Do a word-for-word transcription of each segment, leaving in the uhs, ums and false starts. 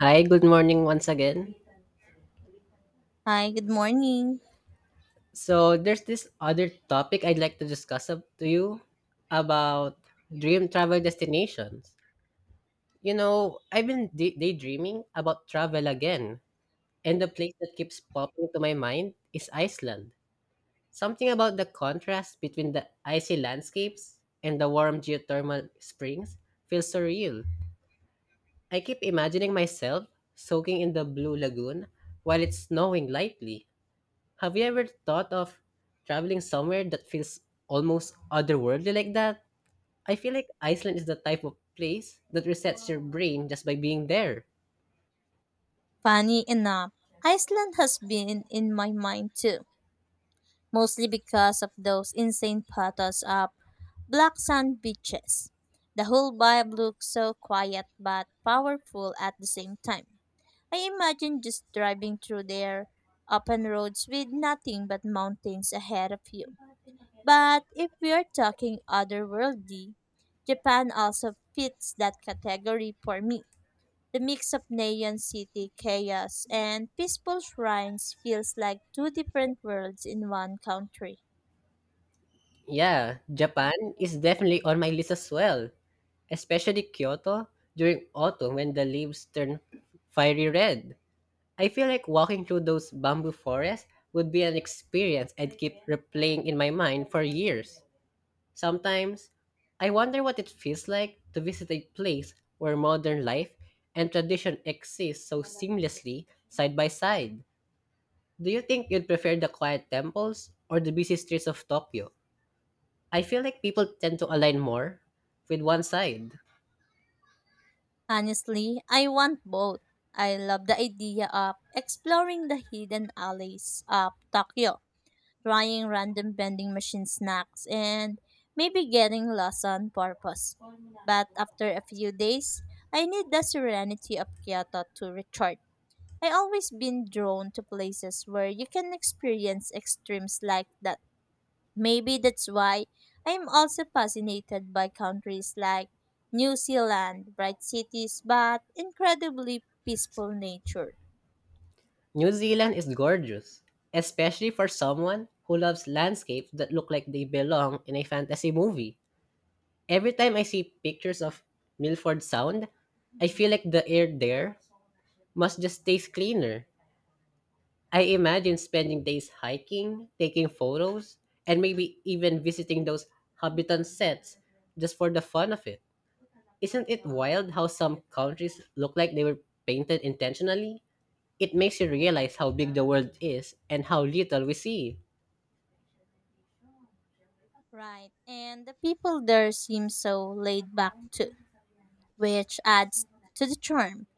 Hi, good morning once again. Hi, good morning. So there's this other topic I'd like to discuss up to you about dream travel destinations. You know, I've been day- daydreaming about travel again, and the place that keeps popping to my mind is Iceland. Something about the contrast between the icy landscapes and the warm geothermal springs feels surreal. I keep imagining myself soaking in the blue lagoon while it's snowing lightly. Have you ever thought of traveling somewhere that feels almost otherworldly like that? I feel like Iceland is the type of place that resets your brain just by being there. Funny enough, Iceland has been in my mind too, mostly because of those insane photos of black sand beaches. The whole vibe looks so quiet but powerful at the same time. I imagine just driving through their open roads with nothing but mountains ahead of you. But if we're talking otherworldly, Japan also fits that category for me. The mix of neon city chaos and peaceful shrines feels like two different worlds in one country. Yeah, Japan is definitely on my list as well, especially Kyoto during autumn when the leaves turn fiery red. I feel like walking through those bamboo forests would be an experience I'd keep replaying in my mind for years. Sometimes, I wonder what it feels like to visit a place where modern life and tradition exist so seamlessly side by side. Do you think you'd prefer the quiet temples or the busy streets of Tokyo? I feel like people tend to align more with one side. Honestly, I want both. I love the idea of exploring the hidden alleys of Tokyo, trying random vending machine snacks, and maybe getting lost on purpose. But after a few days, I need the serenity of Kyoto to recharge. I always been drawn to places where you can experience extremes like that. Maybe that's why I'm also fascinated by countries like New Zealand, bright cities, but incredibly peaceful nature. New Zealand is gorgeous, especially for someone who loves landscapes that look like they belong in a fantasy movie. Every time I see pictures of Milford Sound, I feel like the air there must just taste cleaner. I imagine spending days hiking, taking photos, and maybe even visiting those Habitant sets just for the fun of it. Isn't it wild how some countries look like they were painted intentionally? It makes you realize how big the world is and how little we see. Right, and the people there seem so laid back too, which adds to the charm.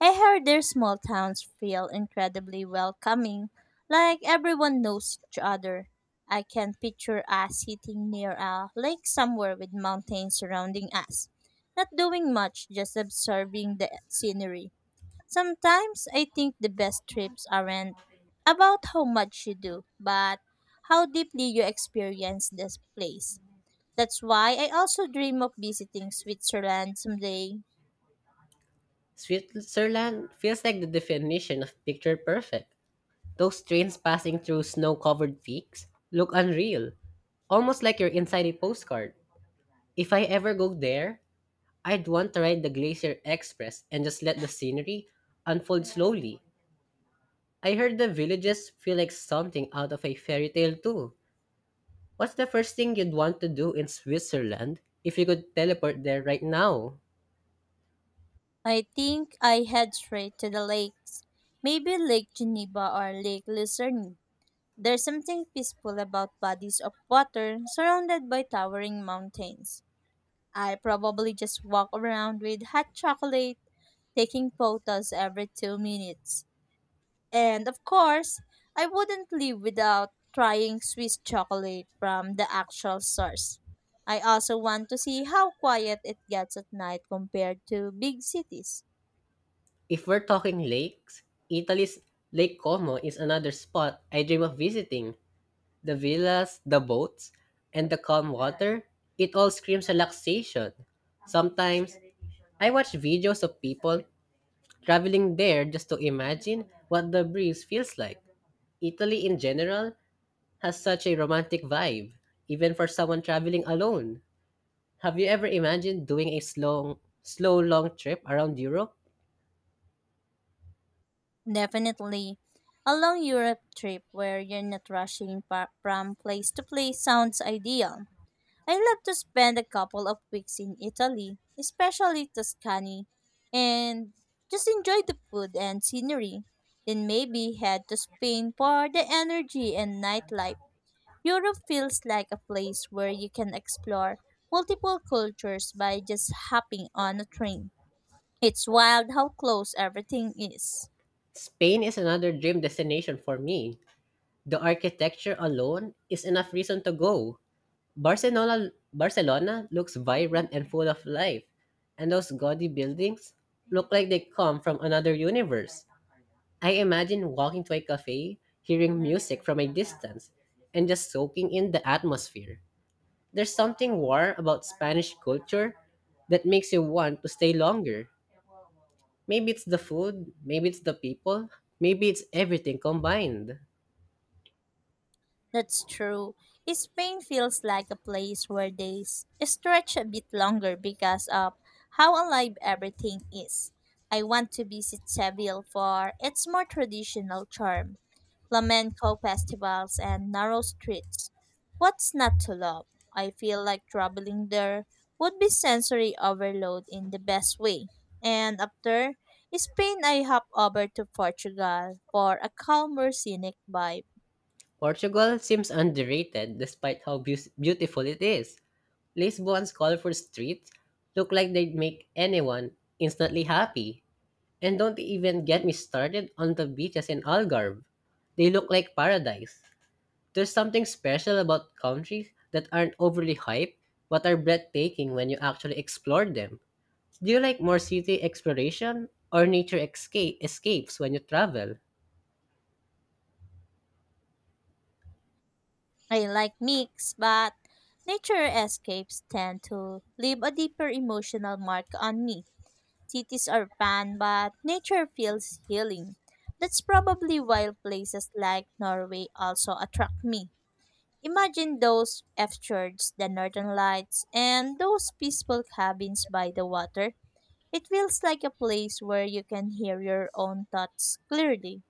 I heard their small towns feel incredibly welcoming, like everyone knows each other. I can picture us sitting near a lake somewhere with mountains surrounding us, not doing much, just observing the scenery. Sometimes I think the best trips aren't about how much you do, but how deeply you experience this place. That's why I also dream of visiting Switzerland someday. Switzerland feels like the definition of picture perfect. Those trains passing through snow covered peaks look unreal, almost like you're inside a postcard. If I ever go there, I'd want to ride the Glacier Express and just let the scenery unfold slowly. I heard the villages feel like something out of a fairy tale too. What's the first thing you'd want to do in Switzerland if you could teleport there right now? I think I head straight to the lakes. Maybe Lake Geneva or Lake Lucerne. There's something peaceful about bodies of water surrounded by towering mountains. I probably just walk around with hot chocolate, taking photos every two minutes. And of course, I wouldn't leave without trying Swiss chocolate from the actual source. I also want to see how quiet it gets at night compared to big cities. If we're talking lakes, Italy's Lake Como is another spot I dream of visiting. The villas, the boats, and the calm water, it all screams relaxation. Sometimes I watch videos of people traveling there just to imagine what the breeze feels like. Italy in general has such a romantic vibe, even for someone traveling alone. Have you ever imagined doing a slow, slow long trip around Europe? Definitely. A long Europe trip where you're not rushing pa- from place to place sounds ideal. I love to spend a couple of weeks in Italy, especially Tuscany, and just enjoy the food and scenery. Then maybe head to Spain for the energy and nightlife. Europe feels like a place where you can explore multiple cultures by just hopping on a train. It's wild how close everything is. Spain is another dream destination for me. The architecture alone is enough reason to go. Barcelona, Barcelona looks vibrant and full of life, and those gaudy buildings look like they come from another universe. I imagine walking to a cafe, hearing music from a distance, and just soaking in the atmosphere. There's something warm about Spanish culture that makes you want to stay longer. Maybe it's the food, maybe it's the people, maybe it's everything combined. That's true. Spain feels like a place where days stretch a bit longer because of how alive everything is. I want to visit Seville for its more traditional charm, flamenco festivals and narrow streets. What's not to love? I feel like traveling there would be sensory overload in the best way. And after Spain, I hop over to Portugal for a calmer, scenic vibe. Portugal seems underrated despite how beau- beautiful it is. Lisbon's colorful streets look like they'd make anyone instantly happy. And don't even get me started on the beaches in Algarve. They look like paradise. There's something special about countries that aren't overly hyped but are breathtaking when you actually explore them. Do you like more city exploration or nature escape escapes when you travel? I like mix, but nature escapes tend to leave a deeper emotional mark on me. Cities are fun, but nature feels healing. That's probably why places like Norway also attract me. Imagine those F fjords, the northern lights, and those peaceful cabins by the water. It feels like a place where you can hear your own thoughts clearly.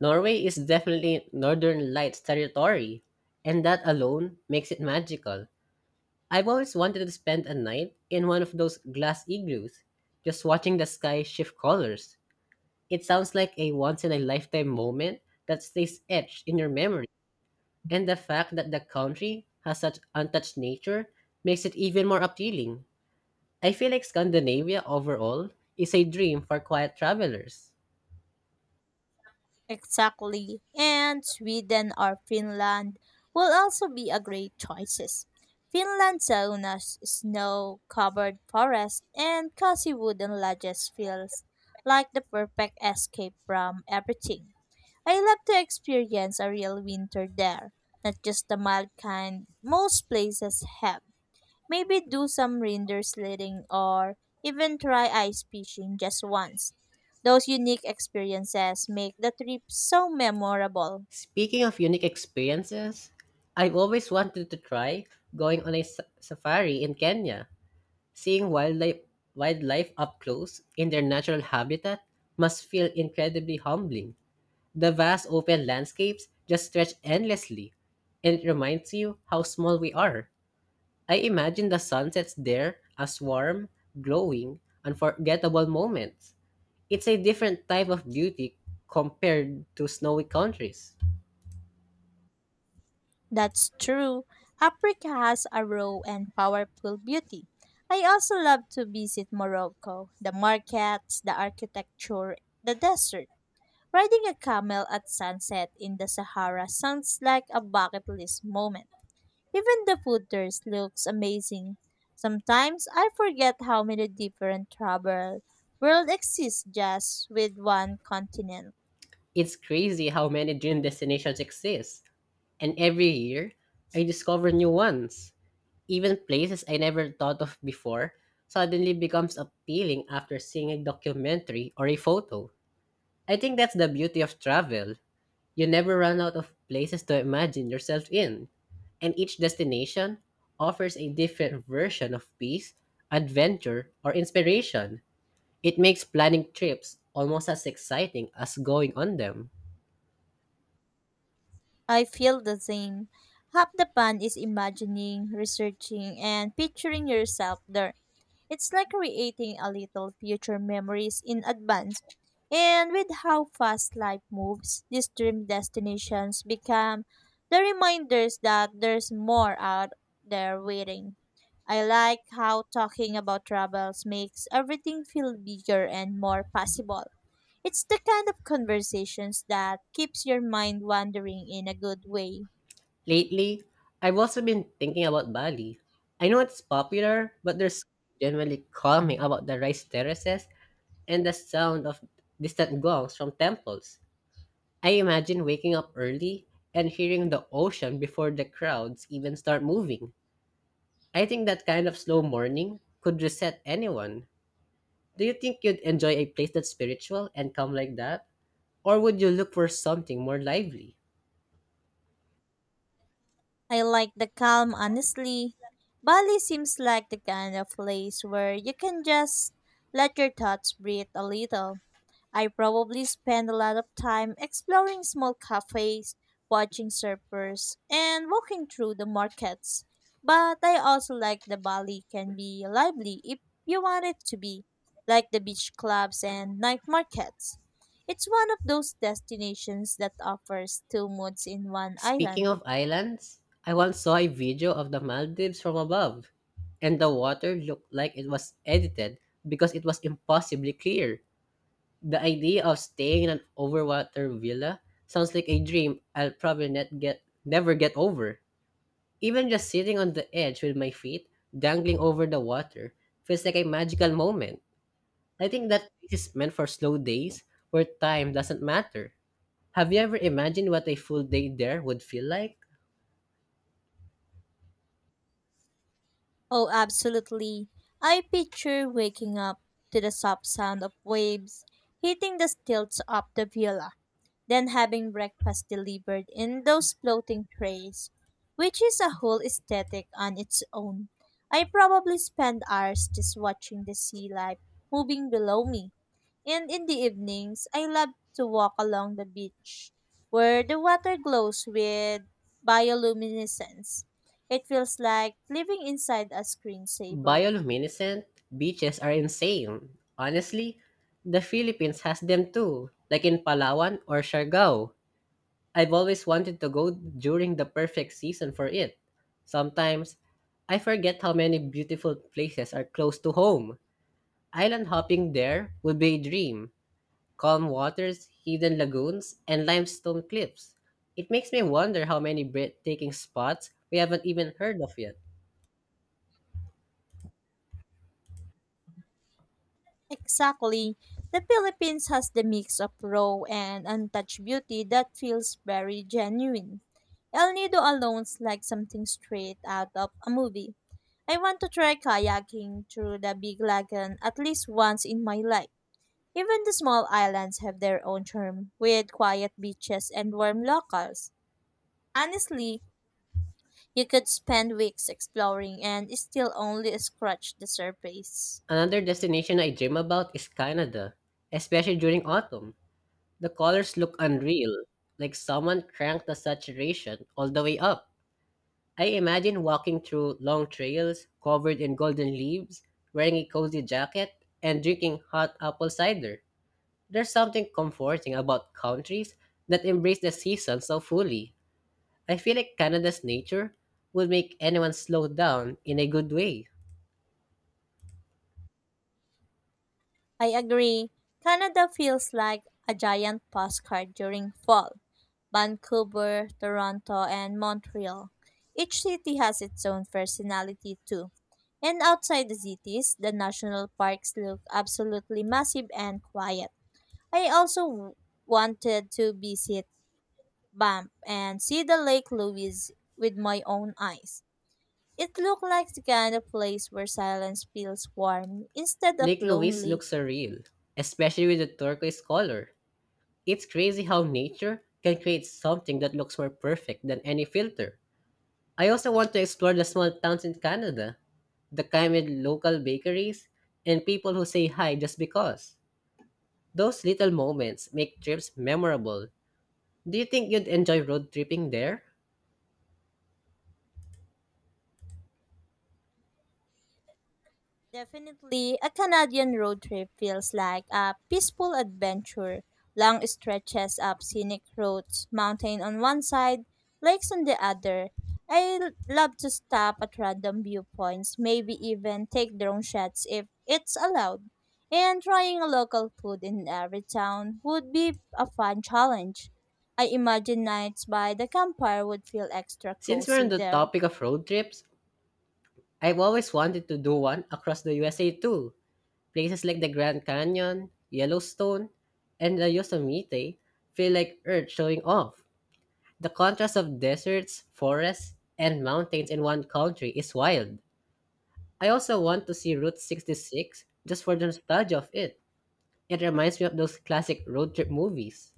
Norway is definitely Northern Lights territory, and that alone makes it magical. I've always wanted to spend a night in one of those glass igloos, just watching the sky shift colors. It sounds like a once in a lifetime moment that stays etched in your memory. And the fact that the country has such untouched nature makes it even more appealing. I feel like Scandinavia overall is a dream for quiet travelers. Exactly. And Sweden or Finland will also be a great choices. Finland saunas, snow-covered forests, and cozy wooden lodges feels like the perfect escape from everything. I love to experience a real winter there, not just the mild kind most places have. Maybe do some reindeer sledding or even try ice fishing just once. Those unique experiences make the trip so memorable. Speaking of unique experiences, I've always wanted to try going on a s- safari in Kenya. Seeing wildlife, wildlife up close in their natural habitat must feel incredibly humbling. The vast open landscapes just stretch endlessly, and it reminds you how small we are. I imagine the sunsets there as warm, glowing, unforgettable moments. It's a different type of beauty compared to snowy countries. That's true. Africa has a raw and powerful beauty. I also love to visit Morocco, the markets, the architecture, the desert. Riding a camel at sunset in the Sahara sounds like a bucket list moment. Even the food there looks amazing. Sometimes I forget how many different travel world exists just with one continent. It's crazy how many dream destinations exist, and every year I discover new ones. Even places I never thought of before suddenly becomes appealing after seeing a documentary or a photo. I think that's the beauty of travel. You never run out of places to imagine yourself in, and each destination offers a different version of peace, adventure, or inspiration. It makes planning trips almost as exciting as going on them. I feel the same. Half the fun is imagining, researching, and picturing yourself there. It's like creating a little future memories in advance. And with how fast life moves, these dream destinations become the reminders that there's more out there waiting. I like how talking about travels makes everything feel bigger and more possible. It's the kind of conversations that keeps your mind wandering in a good way. Lately, I've also been thinking about Bali. I know it's popular, but there's generally calming about the rice terraces and the sound of distant gongs from temples. I imagine waking up early and hearing the ocean before the crowds even start moving. I think that kind of slow morning could reset anyone. Do you think you'd enjoy a place that's spiritual and calm like that? Or would you look for something more lively? I like the calm, honestly. Bali seems like the kind of place where you can just let your thoughts breathe a little. I probably spend a lot of time exploring small cafes, watching surfers, and walking through the markets. But I also like the Bali can be lively if you want it to be, like the beach clubs and night markets. It's one of those destinations that offers two moods in one Speaking island. of islands, I once saw a video of the Maldives from above, and the water looked like it was edited because it was impossibly clear. The idea of staying in an overwater villa sounds like a dream I'll probably net get never get over. Even just sitting on the edge with my feet dangling over the water feels like a magical moment. I think that this is meant for slow days where time doesn't matter. Have you ever imagined what a full day there would feel like? Oh, absolutely. I picture waking up to the soft sound of waves hitting the stilts of the villa, then having breakfast delivered in those floating trays, which is a whole aesthetic on its own. I probably spend hours just watching the sea life moving below me, and in the evenings, I love to walk along the beach where the water glows with bioluminescence. It feels like living inside a screensaver. Bioluminescent beaches are insane. Honestly, the Philippines has them too, like in Palawan or Siargao. I've always wanted to go during the perfect season for it. Sometimes, I forget how many beautiful places are close to home. Island hopping there would be a dream. Calm waters, hidden lagoons, and limestone cliffs. It makes me wonder how many breathtaking spots we haven't even heard of yet. Exactly. The Philippines has the mix of raw and untouched beauty that feels very genuine. El Nido alone's like something straight out of a movie. I want to try kayaking through the big lagoon at least once in my life. Even the small islands have their own charm, with quiet beaches and warm locals. Honestly, you could spend weeks exploring and still only scratch the surface. Another destination I dream about is Canada, especially during autumn. The colors look unreal, like someone cranked the saturation all the way up. I imagine walking through long trails covered in golden leaves, wearing a cozy jacket, and drinking hot apple cider. There's something comforting about countries that embrace the season so fully. I feel like Canada's nature would make anyone slow down in a good way. I agree. Canada feels like a giant postcard during fall. Vancouver, Toronto, and Montreal. Each city has its own personality too. And outside the cities, the national parks look absolutely massive and quiet. I also w- wanted to visit Banff and see the Lake Louise with my own eyes. It looked like the kind of place where silence feels warm instead of Lake Louise lonely. looks surreal, especially with the turquoise color. It's crazy how nature can create something that looks more perfect than any filter. I also want to explore the small towns in Canada, the kind with local bakeries and people who say hi just because. Those little moments make trips memorable. Do you think you'd enjoy road tripping there? Definitely, a Canadian road trip feels like a peaceful adventure. Long stretches up scenic roads, mountain on one side, lakes on the other. I l- love to stop at random viewpoints, maybe even take drone shots if it's allowed. And trying a local food in every town would be a fun challenge. I imagine nights by the campfire would feel extra Since we're on cozy the there. topic of road trips, I've always wanted to do one across the U S A too. Places like the Grand Canyon, Yellowstone, and the Yosemite feel like Earth showing off. The contrast of deserts, forests, and mountains in one country is wild. I also want to see Route sixty-six just for the nostalgia of it. It reminds me of those classic road trip movies.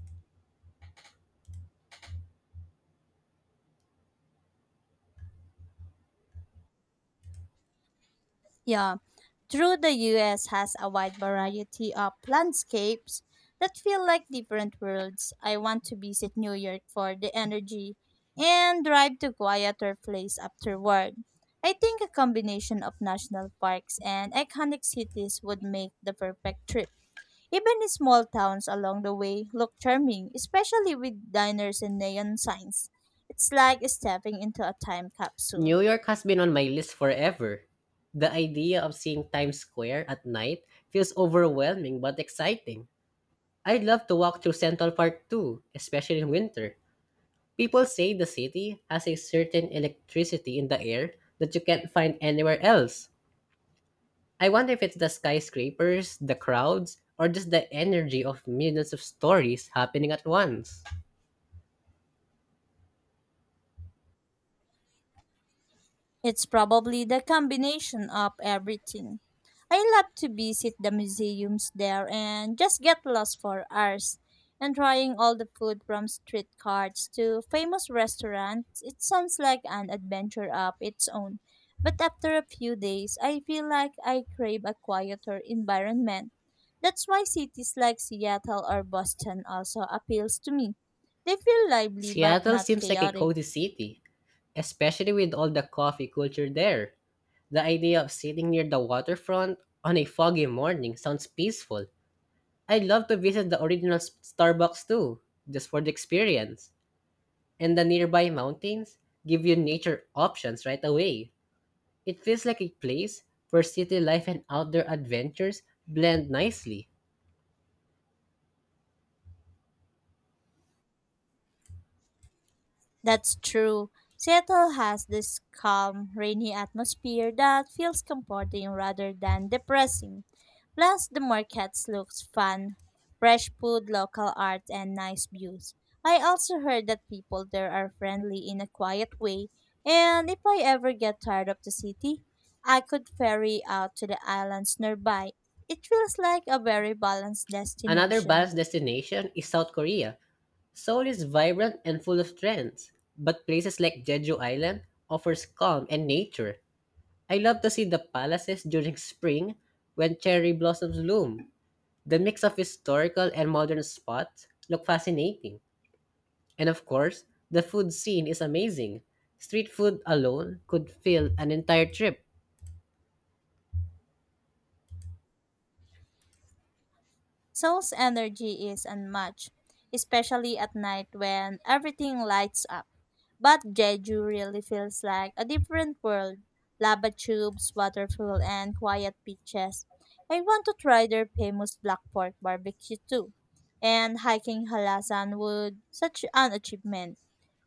Yeah. True, the U S has a wide variety of landscapes that feel like different worlds. I want to visit New York for the energy and drive to quieter place afterward. I think a combination of national parks and iconic cities would make the perfect trip. Even the small towns along the way look charming, especially with diners and neon signs. It's like stepping into a time New capsule. York has been on my list forever. The idea of seeing Times Square at night feels overwhelming but exciting. I'd love to walk through Central Park too, especially in winter. People say the city has a certain electricity in the air that you can't find anywhere else. I wonder if it's the skyscrapers, the crowds, or just the energy of millions of stories happening at once. It's probably the combination of everything. I love to visit the museums there and just get lost for hours. And trying all the food from street carts to famous restaurants, it sounds like an adventure of its own. But after a few days, I feel like I crave a quieter environment. That's why cities like Seattle or Boston also appeals to me. They feel lively but Seattle not seems like a chaotic. cozy city, especially with all the coffee culture there. The idea of sitting near the waterfront on a foggy morning sounds peaceful. I'd love to visit the original s- Starbucks too, just for the experience. And the nearby mountains give you nature options right away. It feels like a place where city life and outdoor adventures blend nicely. That's true. Seattle has this calm, rainy atmosphere that feels comforting rather than depressing. Plus, the markets looks fun, fresh food, local art, and nice views. I also heard that people there are friendly in a quiet way, and if I ever get tired of the city, I could ferry out to the islands nearby. It feels like a very balanced Another destination. balanced destination is South Korea. Seoul is vibrant and full of trends, but places like Jeju Island offers calm and nature. I love to see the palaces during spring when cherry blossoms bloom. The mix of historical and modern spots look fascinating. And of course, the food scene is amazing. Street food alone could fill an entire trip. Soul's energy is unmatched, especially at night when everything lights up. But Jeju really feels like a different world. Lava tubes, waterfall, and quiet beaches. I want to try their famous black pork barbecue too. And hiking Halasan would such an achievement.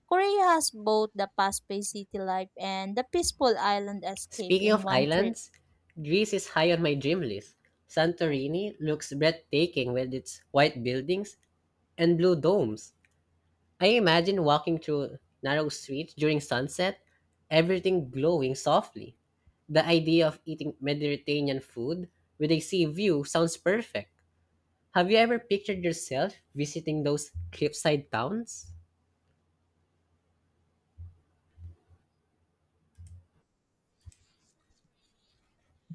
Korea has both the fast-paced city life and the peaceful island escape Speaking in of one trip. islands, Greece is high on my dream list. Santorini looks breathtaking with its white buildings and blue domes. I imagine walking through narrow streets during sunset, everything glowing softly. The idea of eating Mediterranean food with a sea view sounds perfect. Have you ever pictured yourself visiting those cliffside towns?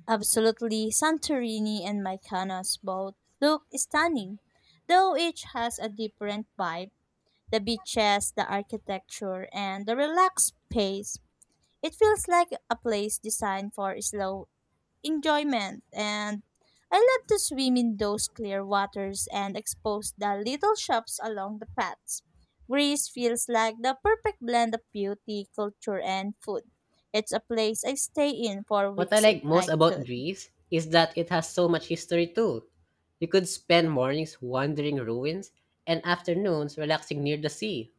Absolutely, Santorini and Mykonos both look stunning, though each has a different vibe. The beaches, the architecture, and the relaxed pace. It feels like a place designed for slow enjoyment, and I love to swim in those clear waters and expose the little shops along the paths. Greece feels like the perfect blend of beauty, culture, and food. It's a place I stay in for What I weeks if like most I about could. Greece is that it has so much history too. You could spend mornings wandering ruins and afternoons relaxing near the sea.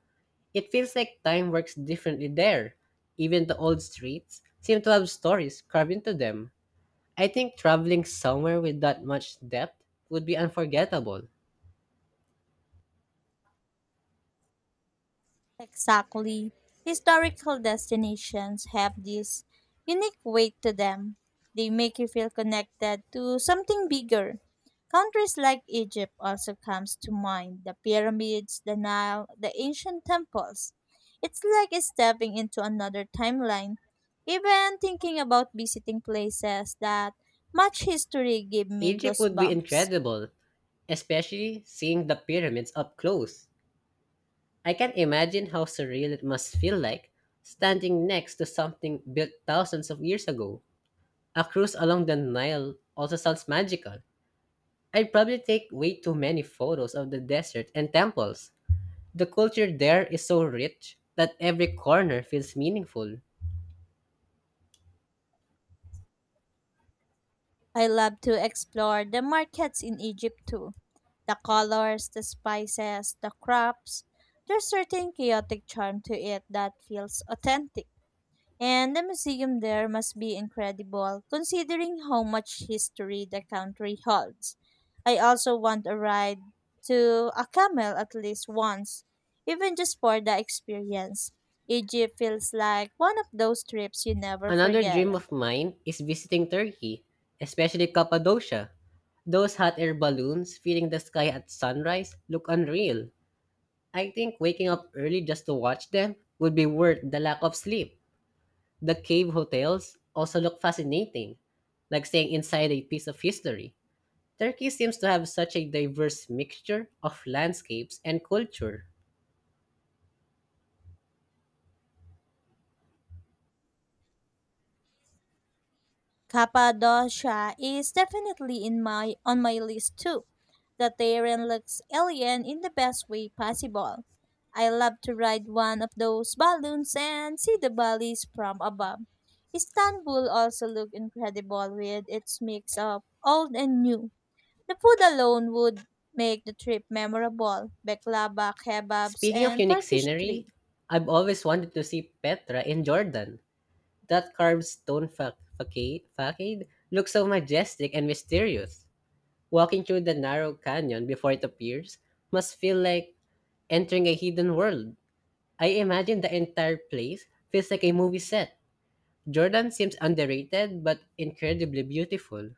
It feels like time works differently there. Even the old streets seem to have stories carved into them. I think traveling somewhere with that much depth would be unforgettable. Exactly. Historical destinations have this unique weight to them. They make you feel connected to something bigger. Countries like Egypt also comes to mind. The pyramids, the Nile, the ancient temples. It's like stepping into another timeline. Even thinking about visiting places that much history give me Egypt would be goosebumps. incredible, especially seeing the pyramids up close. I can not imagine how surreal it must feel like standing next to something built thousands of years ago. A cruise along the Nile also sounds magical. I'd probably take way too many photos of the desert and temples. The culture there is so rich that every corner feels meaningful. I love to explore the markets in Egypt too. The colors, the spices, the crops. There's certain chaotic charm to it that feels authentic. And the museum there must be incredible considering how much history the country holds. I also want a ride to a camel at least once, even just for the experience. Egypt feels like one of those trips you never Another forget. dream of mine is visiting Turkey, especially Cappadocia. Those hot air balloons filling the sky at sunrise look unreal. I think waking up early just to watch them would be worth the lack of sleep. The cave hotels also look fascinating, like staying inside a piece of history. Turkey seems to have such a diverse mixture of landscapes and culture. Cappadocia is definitely in my on my list too. The terrain looks alien in the best way possible. I love to ride one of those balloons and see the valleys from above. Istanbul also looked incredible with its mix of old and new. The food alone would make the trip memorable. Baklava, kebabs, Speaking of and unique Turkish scenery, treats. I've always wanted to see Petra in Jordan. That carved stone fa- faca- facade looks so majestic and mysterious. Walking through the narrow canyon before it appears must feel like entering a hidden world. I imagine the entire place feels like a movie set. Jordan seems underrated but incredibly beautiful.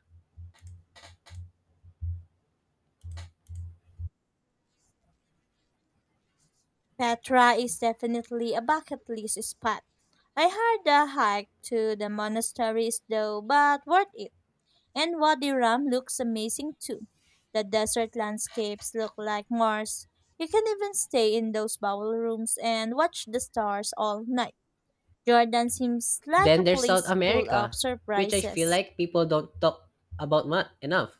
Petra is definitely a bucket list spot. I heard the hike to the monastery is though, but worth it. And Wadi Rum looks amazing too. The desert landscapes look like Mars. You can even stay in those bowl rooms and watch the stars all night. Jordan seems like Then a there's South place full of America, which I feel surprises. like people don't talk about mu- enough.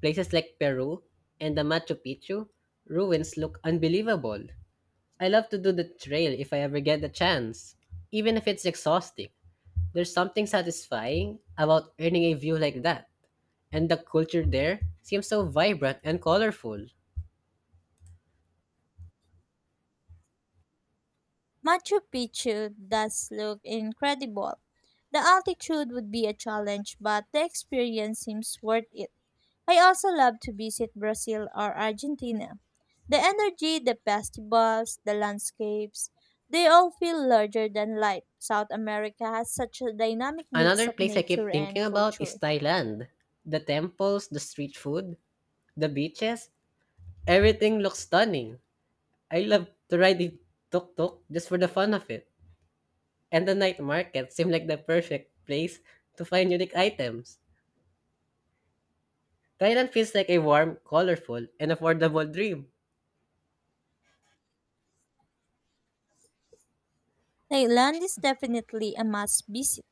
Places like Peru and the Machu Picchu ruins look unbelievable. I love to do the trail if I ever get the chance, even if it's exhausting. There's something satisfying about earning a view like that, and the culture there seems so vibrant and colorful. Machu Picchu does look incredible. The altitude would be a challenge, but the experience seems worth it. I also love to visit Brazil or Argentina. The energy, the festivals, the landscapes, they all feel larger than life. South America has such a dynamic mix Another of place I nature keep and thinking about is culture. Thailand. The temples, the street food, the beaches, everything looks stunning. I love to ride the tuk-tuk just for the fun of it. And the night market seem like the perfect place to find unique items. Thailand feels like a warm, colorful, and affordable dream. Thailand is definitely a must visit.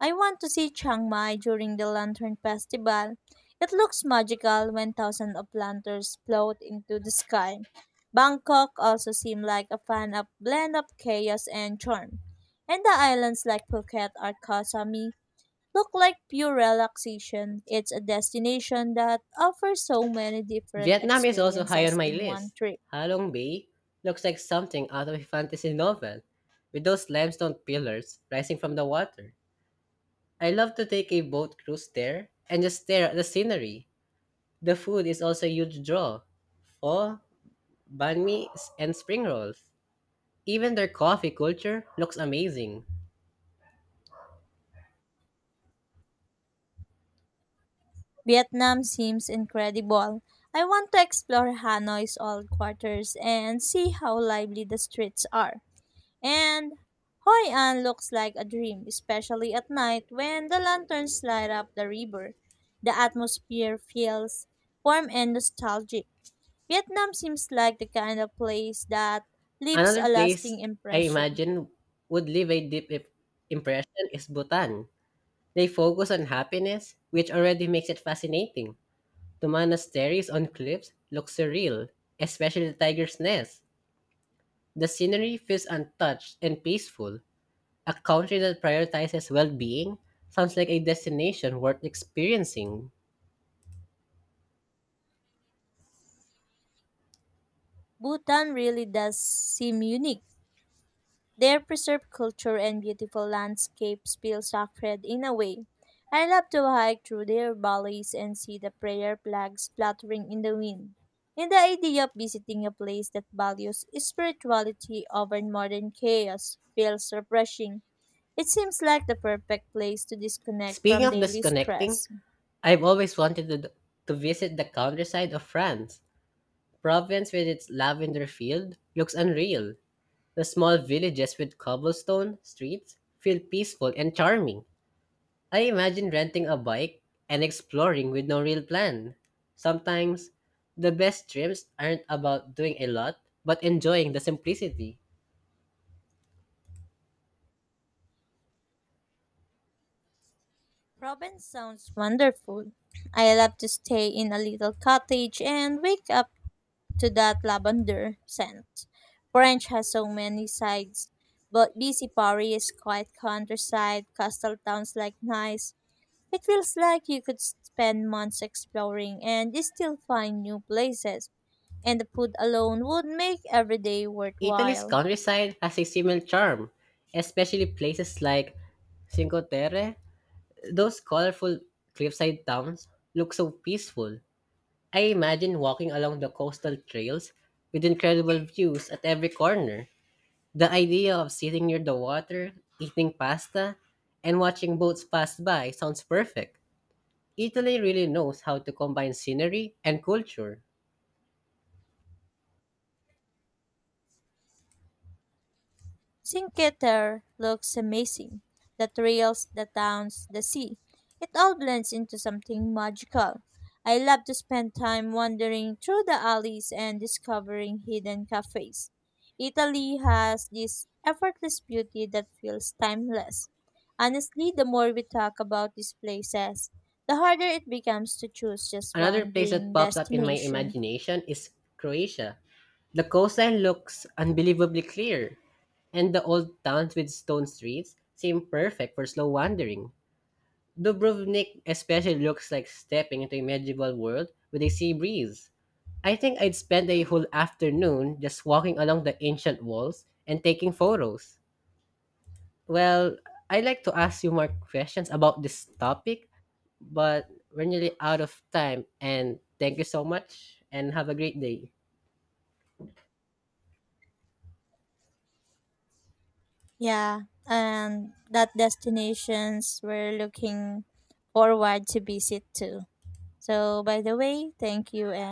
I want to see Chiang Mai during the Lantern Festival. It looks magical when thousands of lanterns float into the sky. Bangkok also seemed like a fun of blend of chaos and charm. And the islands like Phuket or Koh Samui look like pure relaxation. It's a destination that offers so many different Vietnam is also high on experiences my in one list. trip. Halong Bay looks like something out of a fantasy novel, with those limestone pillars rising from the water. I love to take a boat cruise there and just stare at the scenery. The food is also a huge draw. Pho, banh mi, s- and spring rolls. Even their coffee culture looks amazing. Vietnam seems incredible. I want to explore Hanoi's old quarters and see how lively the streets are. And Hoi An looks like a dream, especially at night when the lanterns light up the river. The atmosphere feels warm and nostalgic. Vietnam seems like the kind of place that leaves Another a place lasting I impression. imagine would leave a deep i- impression is Bhutan. They focus on happiness, which already makes it fascinating. The monasteries on cliffs look surreal, especially the tiger's nest. The scenery feels untouched and peaceful. A country that prioritizes well being sounds like a destination worth experiencing. Bhutan really does seem unique. Their preserved culture and beautiful landscapes feel sacred in a way. I love to hike through their valleys and see the prayer flags fluttering in the wind. And the idea of visiting a place that values spirituality over modern chaos feels refreshing. It seems like the perfect place to disconnect Speaking from of daily disconnecting, stress. I've always wanted to, to visit the countryside of France. Provence, with its lavender field, looks unreal. The small villages with cobblestone streets feel peaceful and charming. I imagine renting a bike and exploring with no real plan. Sometimes, the best trips aren't about doing a lot, but enjoying the simplicity. Provence sounds wonderful. I love to stay in a little cottage and wake up to that lavender scent. French has so many sides, but busy Paris, quiet countryside, coastal towns like Nice. It feels like you could spend months exploring and still find new places, and the food alone would make every day Italy's worthwhile. countryside has a similar charm, especially places like Cinque Terre. Those colorful cliffside towns look so peaceful. I imagine walking along the coastal trails with incredible views at every corner. The idea of sitting near the water, eating pasta, and watching boats pass by sounds perfect. Italy really knows how to combine scenery and culture. Cinque Terre looks amazing. The trails, the towns, the sea. It all blends into something magical. I love to spend time wandering through the alleys and discovering hidden cafes. Italy has this effortless beauty that feels timeless. Honestly, the more we talk about these places, the harder it becomes to choose just Another one place that dream pops up in my destination. imagination is Croatia. The coastline looks unbelievably clear, and the old towns with stone streets seem perfect for slow wandering. Dubrovnik especially looks like stepping into a medieval world with a sea breeze. I think I'd spend a whole afternoon just walking along the ancient walls and taking photos. Well, I'd like to ask you more questions about this topic, but we're nearly out of time. And thank you so much and have a great day. Yeah, and that destinations we're looking forward to visit too. So, by the way, thank you and